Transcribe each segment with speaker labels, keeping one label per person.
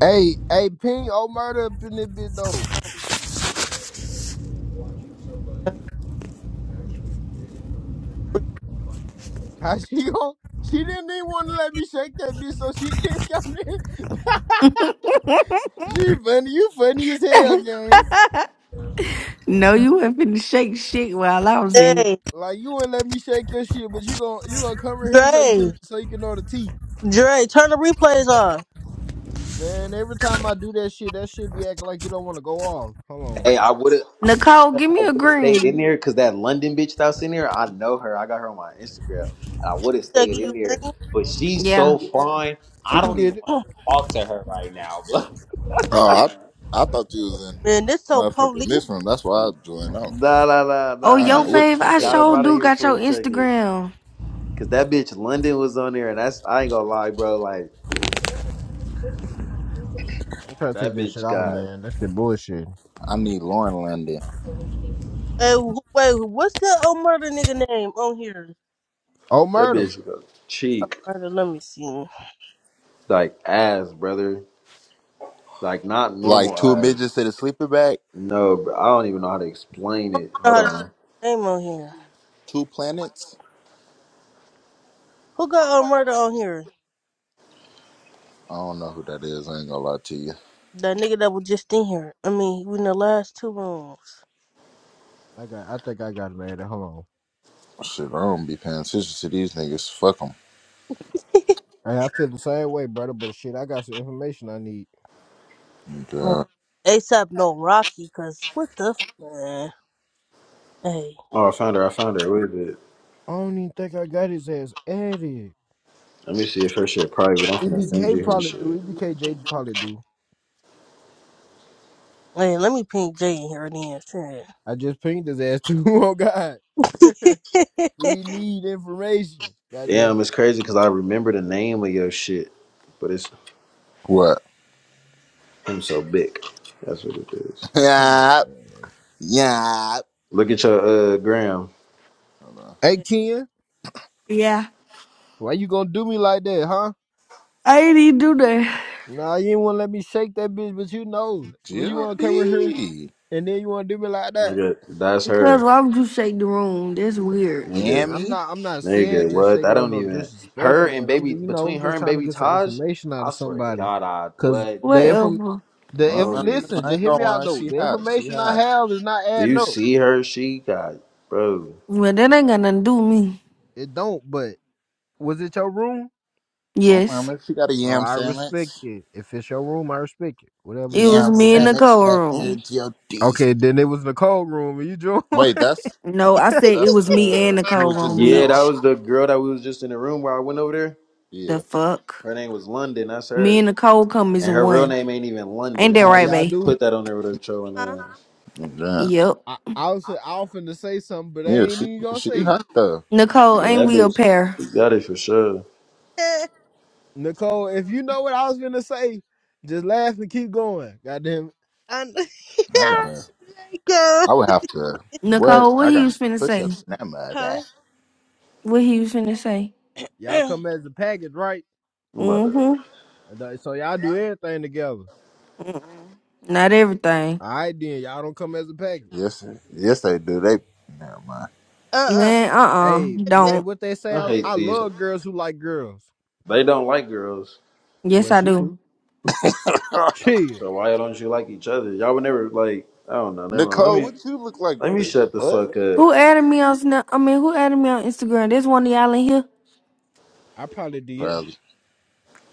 Speaker 1: Hey, hey, Ping old murder up in this bitch though. How she gon' She didn't even want to let me shake that bitch, so she can't come in. she funny, you funny as hell, gang.
Speaker 2: No, you was not finna shake shit while I was in. it.
Speaker 3: Hey,
Speaker 1: Like you wouldn't let me shake your shit, but you gon' you gonna come in here so you can
Speaker 3: Dre,
Speaker 1: so you can know the tea,
Speaker 3: Dre, turn the replays on.
Speaker 1: man. Every time I do that shit, that shit be acting like you don't want to go off. Hold on,
Speaker 4: Hey, I would have
Speaker 2: Nicole, give
Speaker 4: I
Speaker 2: me
Speaker 4: would
Speaker 2: a
Speaker 4: have stayed in
Speaker 2: green.
Speaker 4: there because that London bitch that's in there, I know her. I got her on my Instagram, and I would have
Speaker 3: They
Speaker 4: stayed
Speaker 3: give you
Speaker 4: in there.
Speaker 3: green.
Speaker 4: But she's
Speaker 2: Yeah.
Speaker 4: so fine, I
Speaker 1: she can
Speaker 4: don't even
Speaker 1: get it.
Speaker 4: want to talk to her right now.
Speaker 5: Oh, I, I thought you was in
Speaker 3: Man, this so police.
Speaker 5: motherfucking this room. That's why I joined out.
Speaker 4: But Nah, nah, nah,
Speaker 2: Oh,
Speaker 5: I
Speaker 4: nah.
Speaker 5: ain't
Speaker 4: I
Speaker 2: yo,
Speaker 5: know what the
Speaker 4: just
Speaker 2: fave,
Speaker 5: fuck
Speaker 2: I
Speaker 5: they
Speaker 4: got
Speaker 5: was
Speaker 4: up
Speaker 2: sure
Speaker 4: out
Speaker 5: talking
Speaker 4: of
Speaker 2: do
Speaker 5: about.
Speaker 4: here
Speaker 2: got
Speaker 4: for
Speaker 2: your
Speaker 4: a second.
Speaker 2: Instagram.
Speaker 4: Cause that bitch London was on there, and that's I ain't gonna lie, bro. Like
Speaker 1: I'm trying to take
Speaker 4: that
Speaker 1: this shit
Speaker 4: bitch
Speaker 1: off,
Speaker 4: got
Speaker 1: man. That's the bullshit.
Speaker 5: I need Lauren London.
Speaker 3: Hey, wh- wait, what's that old murder nigga name on here?
Speaker 1: Oh,
Speaker 4: that
Speaker 1: murder.
Speaker 4: bitch got cheek
Speaker 3: Murder, let me see. I don't
Speaker 4: like ass, brother. Like not
Speaker 5: Like
Speaker 4: normal
Speaker 5: two
Speaker 4: ass.
Speaker 5: midgets in a sleeper bag,
Speaker 4: No, bro. I don't even know how to explain it.
Speaker 3: know how
Speaker 4: Hold
Speaker 3: to say
Speaker 4: on.
Speaker 3: his name on here.
Speaker 5: two planets.
Speaker 3: Who got old murder on here?
Speaker 5: I don't know who that is. I ain't gonna lie to you.
Speaker 3: That nigga that was just in here. I mean, we in the last two rooms.
Speaker 1: I got. I think I got it, man. Hold on.
Speaker 5: Shit, I don't be paying attention to these niggas. Fuck
Speaker 1: Hey, I feel the same way, brother. But shit, I got some information I need.
Speaker 3: Man,
Speaker 5: them.
Speaker 3: ASAP no Rocky, cause what the f- man? Hey,
Speaker 4: Oh, I found her. I found her. Where is it?
Speaker 1: I don't even think I got his ass added.
Speaker 4: Let me see if her shit private. I'm finna send
Speaker 1: EBK
Speaker 4: you her
Speaker 1: probably
Speaker 4: shit.
Speaker 1: do. EBKJ probably do.
Speaker 3: hey, let me ping Jay in here then.
Speaker 1: I just pinged his ass too. Oh God, we need information. Goddamn,
Speaker 4: Damn, it's crazy because I remember the name of your shit, but it's
Speaker 5: what?
Speaker 4: him so big. That's what it is.
Speaker 1: come on,
Speaker 5: Yeah,
Speaker 1: man.
Speaker 5: yeah.
Speaker 4: Look at your uh gram.
Speaker 5: Hold on.
Speaker 1: Hey
Speaker 3: Shit.
Speaker 1: Ken,
Speaker 2: Yeah.
Speaker 1: why you gonna do me like that, huh?
Speaker 2: I ain't even do that.
Speaker 1: Nah, you didn't wanna let me shake that bitch, but you know, when you wanna come in here
Speaker 5: GLD.
Speaker 1: and then you wanna do me like that.
Speaker 4: Nigga, that's
Speaker 2: Cause
Speaker 4: her.
Speaker 2: why would you shake the room? That's weird.
Speaker 4: Nigga,
Speaker 1: I'm
Speaker 5: Yammy.
Speaker 1: not. I'm not saying
Speaker 4: nigga,
Speaker 1: just
Speaker 4: what?
Speaker 1: shake
Speaker 4: I
Speaker 1: it on
Speaker 4: don't
Speaker 1: no
Speaker 4: even. Her
Speaker 1: disrespectful
Speaker 4: and
Speaker 1: man. I'm
Speaker 4: baby
Speaker 1: just, you know,
Speaker 4: between
Speaker 1: I'm
Speaker 4: her
Speaker 1: just
Speaker 4: and
Speaker 1: trying to
Speaker 4: baby
Speaker 1: get some
Speaker 4: Taj.
Speaker 1: information out
Speaker 4: I
Speaker 1: of
Speaker 4: swear to
Speaker 1: somebody,
Speaker 4: God, I
Speaker 1: cause
Speaker 4: what?
Speaker 1: the
Speaker 4: Damn,
Speaker 1: inform,
Speaker 2: Whatever.
Speaker 5: I
Speaker 1: the
Speaker 5: don't
Speaker 1: inf.
Speaker 5: mind.
Speaker 4: homie,
Speaker 1: Listen,
Speaker 5: I
Speaker 1: just
Speaker 5: ain't
Speaker 1: hear
Speaker 5: gonna
Speaker 1: me out
Speaker 5: lie.
Speaker 1: though.
Speaker 5: She
Speaker 1: The
Speaker 5: hot. She
Speaker 1: information I
Speaker 5: hot.
Speaker 1: have is not
Speaker 4: do
Speaker 1: adding
Speaker 4: you
Speaker 1: up.
Speaker 4: see her? She got bro.
Speaker 2: Well, that ain't got nothing to do with me.
Speaker 1: It don't. But was it your room?
Speaker 5: I don't mind
Speaker 2: Yes.
Speaker 5: if she got a
Speaker 1: Or
Speaker 5: yam
Speaker 1: I
Speaker 5: sandwich.
Speaker 1: respect it. If it's your room, I respect it. Whatever the
Speaker 2: It
Speaker 1: case
Speaker 2: was
Speaker 5: Yam
Speaker 1: may
Speaker 2: me and
Speaker 1: be.
Speaker 5: sandwich
Speaker 2: Nicole
Speaker 5: back there,
Speaker 2: room.
Speaker 5: GOD's.
Speaker 1: Okay, then it was Nicole's room, and you joined.
Speaker 5: Wait, that's
Speaker 2: No, I said it
Speaker 5: that's
Speaker 2: was me and
Speaker 5: uh who
Speaker 2: Nicole
Speaker 5: was just
Speaker 2: room,
Speaker 5: in that
Speaker 4: Yeah,
Speaker 5: room?
Speaker 4: that
Speaker 2: bitch.
Speaker 4: was the girl that we was just in the room where I went over there.
Speaker 2: The
Speaker 5: Yeah.
Speaker 2: fuck?
Speaker 4: Her name was London. That's
Speaker 2: Me
Speaker 4: her.
Speaker 2: and Nicole come as
Speaker 4: And her real
Speaker 2: one.
Speaker 4: name ain't even London.
Speaker 2: Ain't that
Speaker 4: She
Speaker 1: uh,
Speaker 2: right,
Speaker 1: y'all
Speaker 4: just
Speaker 2: babe?
Speaker 1: do.
Speaker 4: put that on there with her trolling
Speaker 3: huh?
Speaker 4: ass.
Speaker 5: Yeah,
Speaker 2: Yep.
Speaker 1: I, I was I often to say something, but I
Speaker 5: yeah
Speaker 1: ain't
Speaker 5: she
Speaker 1: even gonna say
Speaker 5: she
Speaker 1: it.
Speaker 5: hot though.
Speaker 2: Nicole,
Speaker 4: Yeah,
Speaker 2: ain't
Speaker 4: that
Speaker 2: we a
Speaker 4: bitch.
Speaker 2: pair?
Speaker 4: She got it for sure.
Speaker 1: Nicole, if you know what I was gonna say, just laugh and keep going. Goddamn it.
Speaker 3: And know.
Speaker 5: I gotta
Speaker 3: yeah, girl.
Speaker 5: I would have to what?
Speaker 2: Nicole, what
Speaker 5: I
Speaker 2: he was
Speaker 5: gotta
Speaker 2: finna
Speaker 5: push
Speaker 2: say?
Speaker 5: ups that mother.
Speaker 3: Huh?
Speaker 5: that.
Speaker 2: What he was finna say?
Speaker 3: Uh
Speaker 1: Y'all
Speaker 3: huh?
Speaker 1: come as a package, right?
Speaker 4: I'm about to.
Speaker 2: Mm-hmm.
Speaker 1: And, uh, So y'all do everything together.
Speaker 2: Mm-mm. Not everything.
Speaker 1: All right then, y'all don't come as a package.
Speaker 5: Yes yes they do. They never mind.
Speaker 2: Man, uh-uh.
Speaker 1: Hey, wh- hey,
Speaker 2: Don't.
Speaker 1: what they say?
Speaker 4: I
Speaker 1: I,
Speaker 4: hate
Speaker 1: I
Speaker 4: these.
Speaker 1: love girls who like girls.
Speaker 4: They don't like girls.
Speaker 2: Yes,
Speaker 1: Well,
Speaker 2: I
Speaker 1: she
Speaker 2: do.
Speaker 1: do. Shit,
Speaker 4: So why don't you like each other? Y'all would never like. I don't know. Never mind. Let
Speaker 5: Nicole,
Speaker 4: me
Speaker 5: what you look like?
Speaker 4: let
Speaker 5: What
Speaker 4: me
Speaker 5: the
Speaker 4: shut the
Speaker 5: what?
Speaker 4: fuck up.
Speaker 2: Who added me on Sna- I mean, who added me on Instagram? There's one of y'all in here.
Speaker 1: I probably did.
Speaker 5: Probably.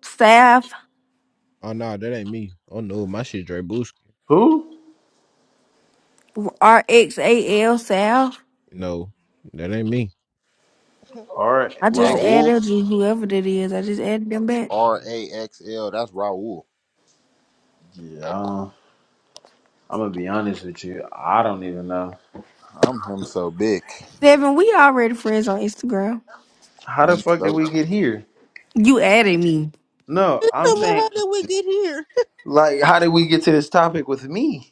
Speaker 2: Sav.
Speaker 1: Oh no, that ain't me. Oh no, my shit Dre Booski.
Speaker 4: Who?
Speaker 2: R-X-A-L Sav.
Speaker 1: No, that ain't me.
Speaker 3: uh-uh.
Speaker 4: R
Speaker 2: I just
Speaker 4: X.
Speaker 5: Raul
Speaker 2: added you, whoever that is. I just added them back.
Speaker 5: R A X L. That's Raul.
Speaker 4: Yeah. I don't- I'm gonna be honest with you. I don't even know.
Speaker 5: I'm him so big.
Speaker 2: Seven, we already friends on Instagram.
Speaker 4: How the
Speaker 5: Him
Speaker 4: fuck did
Speaker 5: so
Speaker 4: we get here?
Speaker 2: You added me.
Speaker 4: No, I'm saying
Speaker 3: how did we get here?
Speaker 4: like, how did we get to this topic with me?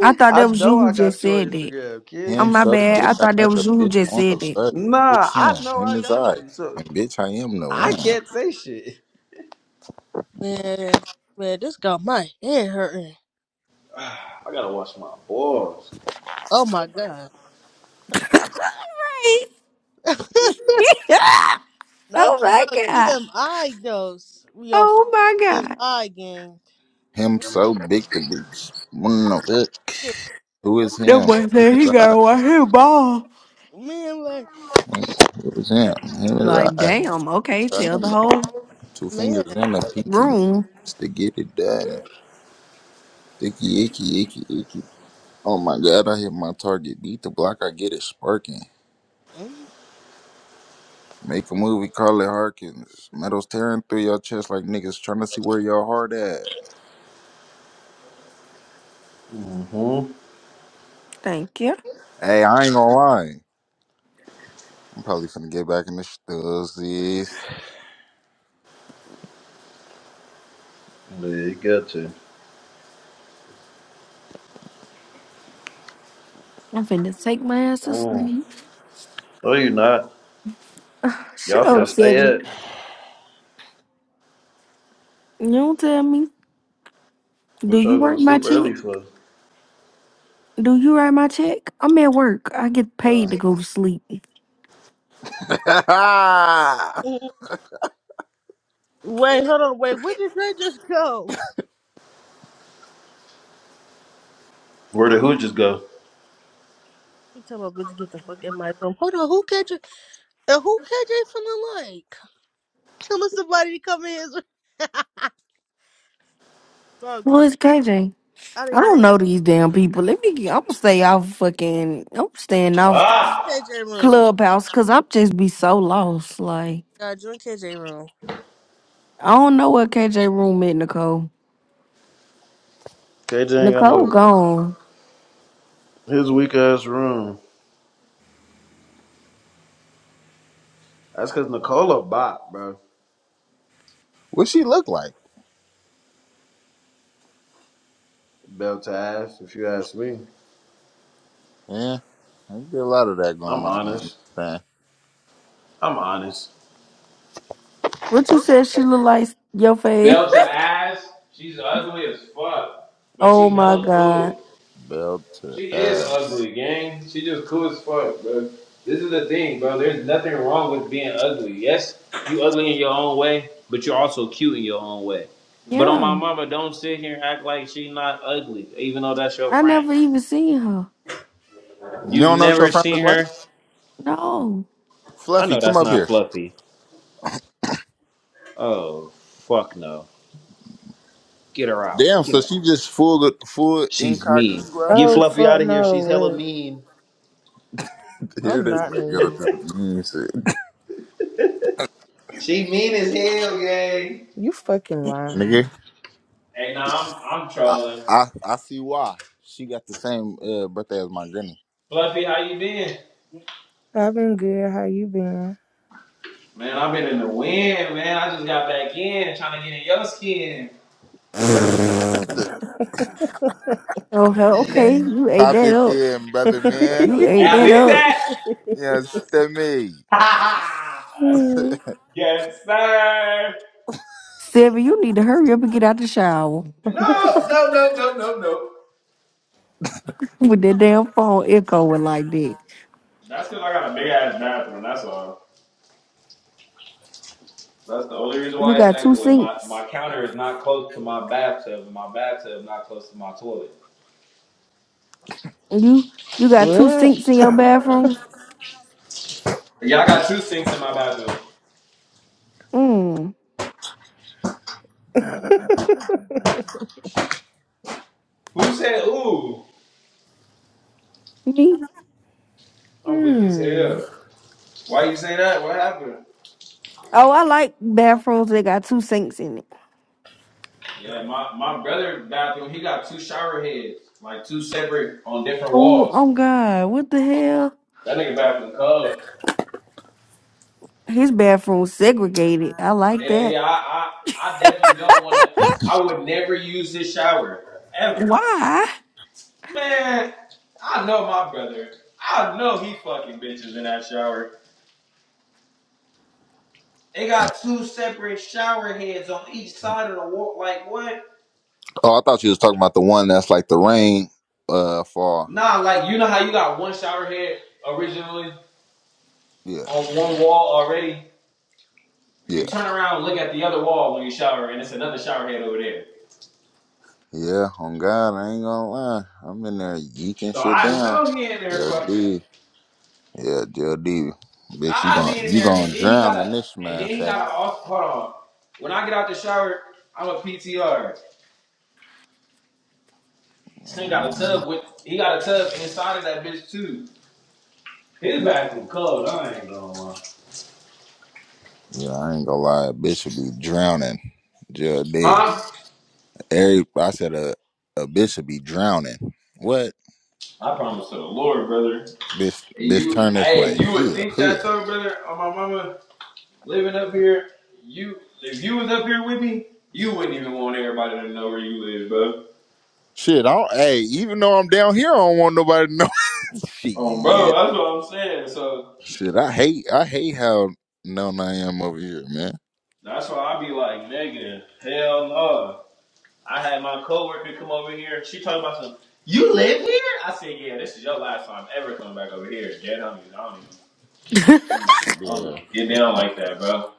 Speaker 2: I thought that
Speaker 4: I
Speaker 2: was you
Speaker 4: know I
Speaker 2: who just
Speaker 4: got you on
Speaker 2: said that.
Speaker 4: Instagram,
Speaker 2: Oh,
Speaker 4: kid.
Speaker 5: Him
Speaker 2: my
Speaker 5: so
Speaker 2: bad. I
Speaker 5: bitch, I
Speaker 2: thought
Speaker 5: know
Speaker 2: that was
Speaker 5: the
Speaker 2: you who
Speaker 5: bitch
Speaker 2: just
Speaker 5: wanna
Speaker 2: said
Speaker 5: fuck. Who
Speaker 4: Nah,
Speaker 5: is
Speaker 4: I
Speaker 5: him?
Speaker 4: know I
Speaker 5: Him is
Speaker 4: got
Speaker 5: I.
Speaker 4: you, so
Speaker 5: And bitch, I am the
Speaker 4: I
Speaker 5: one.
Speaker 4: can't say shit.
Speaker 3: man, man, this got my head hurting.
Speaker 4: I gotta watch my balls.
Speaker 3: Oh my god.
Speaker 2: that.
Speaker 3: no,
Speaker 2: Oh
Speaker 3: t- bro,
Speaker 2: my god.
Speaker 3: TMI goes. We all
Speaker 2: Oh my
Speaker 3: f-
Speaker 2: god.
Speaker 3: TMI gang.
Speaker 5: Him
Speaker 3: We
Speaker 5: so big the bitch wanna fuck.
Speaker 3: did
Speaker 5: Who
Speaker 3: no
Speaker 5: is
Speaker 2: That
Speaker 5: him?
Speaker 2: boy
Speaker 5: Him
Speaker 2: said he
Speaker 5: is I.
Speaker 2: gotta watch his ball.
Speaker 3: man like
Speaker 5: Him, who is him? Him is
Speaker 2: Like,
Speaker 5: I.
Speaker 2: damn,
Speaker 5: Bitch,
Speaker 2: okay,
Speaker 5: I
Speaker 2: tell
Speaker 5: am
Speaker 2: the
Speaker 5: the
Speaker 2: whole
Speaker 5: two fingers
Speaker 3: man.
Speaker 5: and a pinky
Speaker 2: room.
Speaker 5: just to get it done. Sticky icky icky icky. Oh my god, I hit my target. Beat the block, I get it sparking. Make a movie, call it Harkins. Metals tearing through your chest like niggas trying to see where your heart at.
Speaker 4: Mm-hmm.
Speaker 2: Thank you.
Speaker 5: Hey, I ain't gonna lie. I'm probably finna get back in the stuzzies.
Speaker 4: Yeah, you got to.
Speaker 2: I'm finna take my ass to
Speaker 4: Mm.
Speaker 2: sleep.
Speaker 4: No, you not.
Speaker 2: Ugh, Shut
Speaker 4: Y'all finna
Speaker 2: up,
Speaker 4: stay
Speaker 2: Seven.
Speaker 4: at?
Speaker 2: You don't tell me. Do
Speaker 4: What
Speaker 2: you
Speaker 4: y'all gonna
Speaker 2: write my
Speaker 4: sleep
Speaker 2: check?
Speaker 4: early for?
Speaker 2: Do you write my check? I'm at work. I get
Speaker 4: Uh,
Speaker 2: paid to go to sleep.
Speaker 3: Wait, hold on. Wait, where did Dre just go?
Speaker 4: Where the hooches go?
Speaker 3: You tell my bitch get the fuck in my room. Hold on, who catch And who KJ feeling like? Telling somebody to come in his Bro,
Speaker 2: Well,
Speaker 3: KJ
Speaker 2: it's KJ.
Speaker 3: out
Speaker 2: I
Speaker 3: of his
Speaker 2: don't know these damn people. Let me. get, I'm gonna stay off fucking. I'm staying off
Speaker 4: Ah!
Speaker 3: KJ room.
Speaker 2: clubhouse because I'm just be so lost. Like.
Speaker 3: God, join KJ room.
Speaker 2: I don't know what KJ room at, Nicole.
Speaker 4: KJ ain't got
Speaker 2: Nicole
Speaker 4: no
Speaker 2: gone.
Speaker 4: his weak ass room. That's cause Nicola bot, bro.
Speaker 5: what she look like?
Speaker 4: Belt to ass, if you ask me.
Speaker 5: Yeah, I get a lot of that going
Speaker 4: I'm
Speaker 5: on in this
Speaker 4: honest.
Speaker 5: thing.
Speaker 4: I'm honest.
Speaker 2: What you said she look like your face?
Speaker 4: Belt to ass. She's ugly as fuck, but she
Speaker 2: oh my
Speaker 4: hella cool.
Speaker 2: god.
Speaker 5: Bell to
Speaker 4: She is
Speaker 5: ass.
Speaker 4: ugly, gang. She just cool as fuck, bro. This is the thing, bro. There's nothing wrong with being ugly. Yes, you ugly in your own way, but you're also cute in your own way. But on
Speaker 2: Yeah.
Speaker 4: my mama, don't sit here and act like she's not ugly, even though that's your
Speaker 2: I
Speaker 4: friend.
Speaker 2: never even seen her.
Speaker 5: You
Speaker 4: You've
Speaker 5: don't know what your
Speaker 4: never
Speaker 5: friend
Speaker 4: seen
Speaker 5: look like?
Speaker 4: her.
Speaker 2: No.
Speaker 4: I
Speaker 5: Fluffy,
Speaker 4: know
Speaker 5: come
Speaker 4: that's
Speaker 5: up
Speaker 4: not
Speaker 5: here.
Speaker 4: fluffy. Oh, fuck no. Get her out.
Speaker 5: Damn,
Speaker 4: Get
Speaker 5: so
Speaker 4: her out.
Speaker 5: she just full full
Speaker 4: She's mean.
Speaker 5: incognito.
Speaker 4: Get
Speaker 6: Oh
Speaker 4: Fluffy out
Speaker 6: fuck
Speaker 4: of here.
Speaker 6: no,
Speaker 4: She's hella
Speaker 6: wait.
Speaker 4: mean.
Speaker 5: Here
Speaker 6: I'm
Speaker 5: this
Speaker 6: not
Speaker 5: nigga go
Speaker 6: mean.
Speaker 5: through the mean shit.
Speaker 4: She mean as hell, gang.
Speaker 6: You fucking lying.
Speaker 5: Nigga,
Speaker 4: Hey, nah, I'm, I'm
Speaker 5: I,
Speaker 4: trolling.
Speaker 5: I I see why. She got the same uh, birthday as my granny.
Speaker 4: Fluffy, how you been?
Speaker 6: I've been good. How you been?
Speaker 4: Man, I've been in the wind, man. I just got back in trying to get in your skin.
Speaker 2: Oh hell, okay. You ate
Speaker 5: Pop
Speaker 2: that
Speaker 5: it
Speaker 2: up.
Speaker 5: in, brother man.
Speaker 2: You ate
Speaker 4: And I
Speaker 2: that
Speaker 4: did
Speaker 2: up.
Speaker 5: Yes, to me.
Speaker 4: that.
Speaker 6: Hmm.
Speaker 4: yes, sir.
Speaker 2: Seven, you need to hurry up and get out the shower.
Speaker 4: No, no, no, no, no, no.
Speaker 2: With that damn phone echoing like that.
Speaker 4: That's because I got a big ass bathroom. That's all. That's the only reason
Speaker 2: You
Speaker 4: why it's
Speaker 2: got two
Speaker 4: echoing. My
Speaker 2: sinks.
Speaker 4: my counter is not close to my bathtub, and my bathtub not close to my toilet.
Speaker 2: You you got two
Speaker 6: what?
Speaker 2: sinks in your bathroom?
Speaker 4: Yeah, I got two sinks in my bathroom.
Speaker 2: Mm.
Speaker 4: Who said, ooh,
Speaker 2: Me?
Speaker 4: I'm weak as
Speaker 6: Hmm.
Speaker 4: hell? Why you say that? What happened?
Speaker 2: Oh, I like bathrooms that got two sinks in it.
Speaker 4: Yeah, my, my brother bathroom, he got two shower heads, like two separate on different
Speaker 2: Oh,
Speaker 4: walls.
Speaker 2: oh God, what the hell?
Speaker 4: That nigga bathroom cold.
Speaker 2: His bathroom segregated. I like
Speaker 4: And
Speaker 2: that.
Speaker 4: yeah, I, I I definitely don't wanna I would never use this shower. Ever.
Speaker 2: Why?
Speaker 4: Man, I know my brother. I know he fucking bitches in that shower. They got two separate shower heads on each side of the wall. Like what?
Speaker 5: Oh, I thought you was talking about the one that's like the rain uh fall.
Speaker 4: Nah, like you know how you got one shower head originally
Speaker 5: Yeah,
Speaker 4: on one wall already? If you
Speaker 5: yeah,
Speaker 4: turn around and look at the other wall when you shower, and it's another shower head over there.
Speaker 5: yeah. On God, I ain't gonna lie. I'm in there yeeking
Speaker 4: So
Speaker 5: shit
Speaker 4: I
Speaker 5: down.
Speaker 4: know he in there
Speaker 5: Yeah,
Speaker 4: fucking.
Speaker 5: D. yeah, Jill D. Bitch, you
Speaker 4: I
Speaker 5: gon'
Speaker 4: be in
Speaker 5: you
Speaker 4: there,
Speaker 5: gonna
Speaker 4: and then he got
Speaker 5: drown in
Speaker 4: a,
Speaker 5: this
Speaker 4: and then he
Speaker 5: motherfucker.
Speaker 4: gotta off. Hold on. When I get out the shower, I'm a PTR. This
Speaker 5: Oh,
Speaker 4: nigga got a
Speaker 5: man.
Speaker 4: tub with. He got a tub inside of that bitch too. His bathroom cold. I ain't going. lie.
Speaker 5: Yeah, I ain't gonna lie. A bitch would be drowning. Jill D.
Speaker 4: Huh?
Speaker 5: Every I said a a bitch would be drowning. What?
Speaker 4: I promise to the Lord, brother.
Speaker 5: Bitch,
Speaker 4: And
Speaker 5: bitch,
Speaker 4: you,
Speaker 5: turn this
Speaker 4: hey,
Speaker 5: way.
Speaker 4: you would
Speaker 5: Huh,
Speaker 4: think that
Speaker 5: huh.
Speaker 4: though, brother, on my mama. Living up here, you if you was up here with me, you wouldn't even want everybody to know where you live, bro.
Speaker 5: Shit, I don't, hey, even though I'm down here, I don't want nobody to know. Shit.
Speaker 4: Um,
Speaker 5: yeah.
Speaker 4: bro, that's what I'm saying. So
Speaker 5: Shit, I hate I hate how known I am over here, man.
Speaker 4: that's why I be like, nigga, hell no. I had my coworker come over here. She talking about some. You live here? I said, yeah. This is your last time ever coming back over here. Dead on you. I don't even. I don't even I don't
Speaker 5: Yeah.
Speaker 4: even get down like that, bro.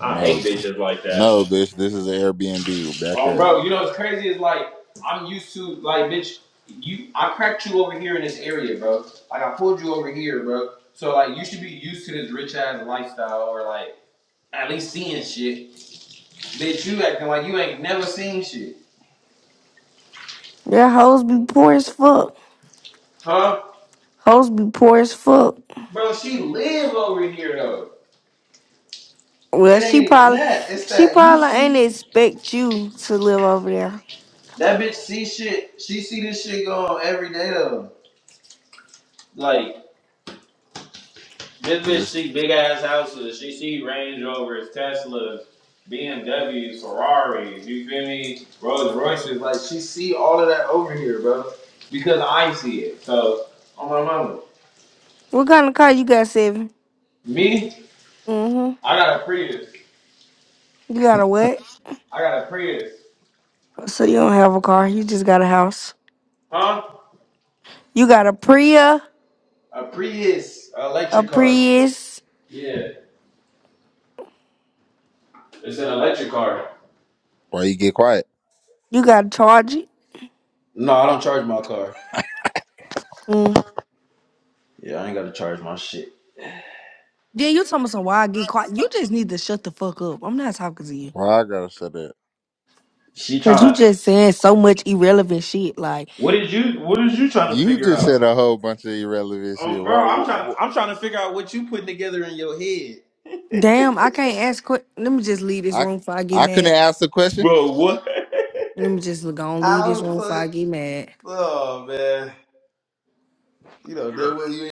Speaker 4: I
Speaker 5: No,
Speaker 4: hate bitches like that.
Speaker 5: no, bitch. This is Airbnb. Back
Speaker 4: Um,
Speaker 5: up.
Speaker 4: bro, you know what's crazy is like I'm used to like bitch, you I cracked you over here in this area, bro. Like I pulled you over here, bro. So like you should be used to this rich ass lifestyle or like at least seeing shit. Bitch, you acting like you ain't never seen shit,
Speaker 2: Yeah, hoes be poor as fuck.
Speaker 4: huh?
Speaker 2: Hoes be poor as fuck.
Speaker 4: Bro, she live over here though.
Speaker 2: Well,
Speaker 4: It
Speaker 2: she
Speaker 4: ain't even
Speaker 2: probably,
Speaker 4: that. It's
Speaker 2: she
Speaker 4: that you
Speaker 2: probably ain't
Speaker 4: see
Speaker 2: expect you to live over there.
Speaker 4: that bitch see shit. She see this shit going on every day though. Like This bitch
Speaker 5: This
Speaker 4: see big ass houses. She see Range Rovers, Teslas, BMWs, Ferraris. You feel me? Rolls Royces. Like she see all of that over here, bro. Because I see it. So on my mama.
Speaker 2: What kind of car you got, Seven?
Speaker 4: Me,
Speaker 2: Mm-hmm.
Speaker 4: I got a Prius.
Speaker 2: You got a what?
Speaker 4: I got a Prius.
Speaker 2: So you don't have a car. You just got a house.
Speaker 4: Huh?
Speaker 2: You got a Priya,
Speaker 4: A Prius, a
Speaker 2: a
Speaker 4: electric car.
Speaker 2: Prius.
Speaker 4: Yeah, it's an electric car.
Speaker 5: why you get quiet?
Speaker 2: You got a Charger.
Speaker 4: No, I don't charge my car.
Speaker 2: Mm.
Speaker 4: Yeah, I ain't gotta charge my shit.
Speaker 2: Then you talking about some why I get caught. You just need to shut the fuck up. I'm not talking to you.
Speaker 5: Why I gotta say that?
Speaker 4: She
Speaker 2: Cause you
Speaker 4: trying to.
Speaker 2: just saying so much irrelevant shit. Like,
Speaker 4: What did you? What is you trying to
Speaker 5: You
Speaker 4: figure
Speaker 5: just
Speaker 4: out?
Speaker 5: said a whole bunch of irrelevant
Speaker 4: Oh,
Speaker 5: shit.
Speaker 4: bro,
Speaker 5: Why,
Speaker 4: I'm
Speaker 5: wh-
Speaker 4: trying.
Speaker 5: wh-
Speaker 4: I'm trying to figure out what you putting together in your head.
Speaker 2: damn, I can't ask. Qu- Let me just leave this
Speaker 5: I
Speaker 2: room before I get
Speaker 5: I
Speaker 2: mad.
Speaker 5: couldn't ask the question.
Speaker 4: Bro, what?
Speaker 2: Let me just go and leave this
Speaker 4: How the
Speaker 2: room before
Speaker 4: fuck?
Speaker 2: I get mad.
Speaker 4: Oh man, you know that. Well, you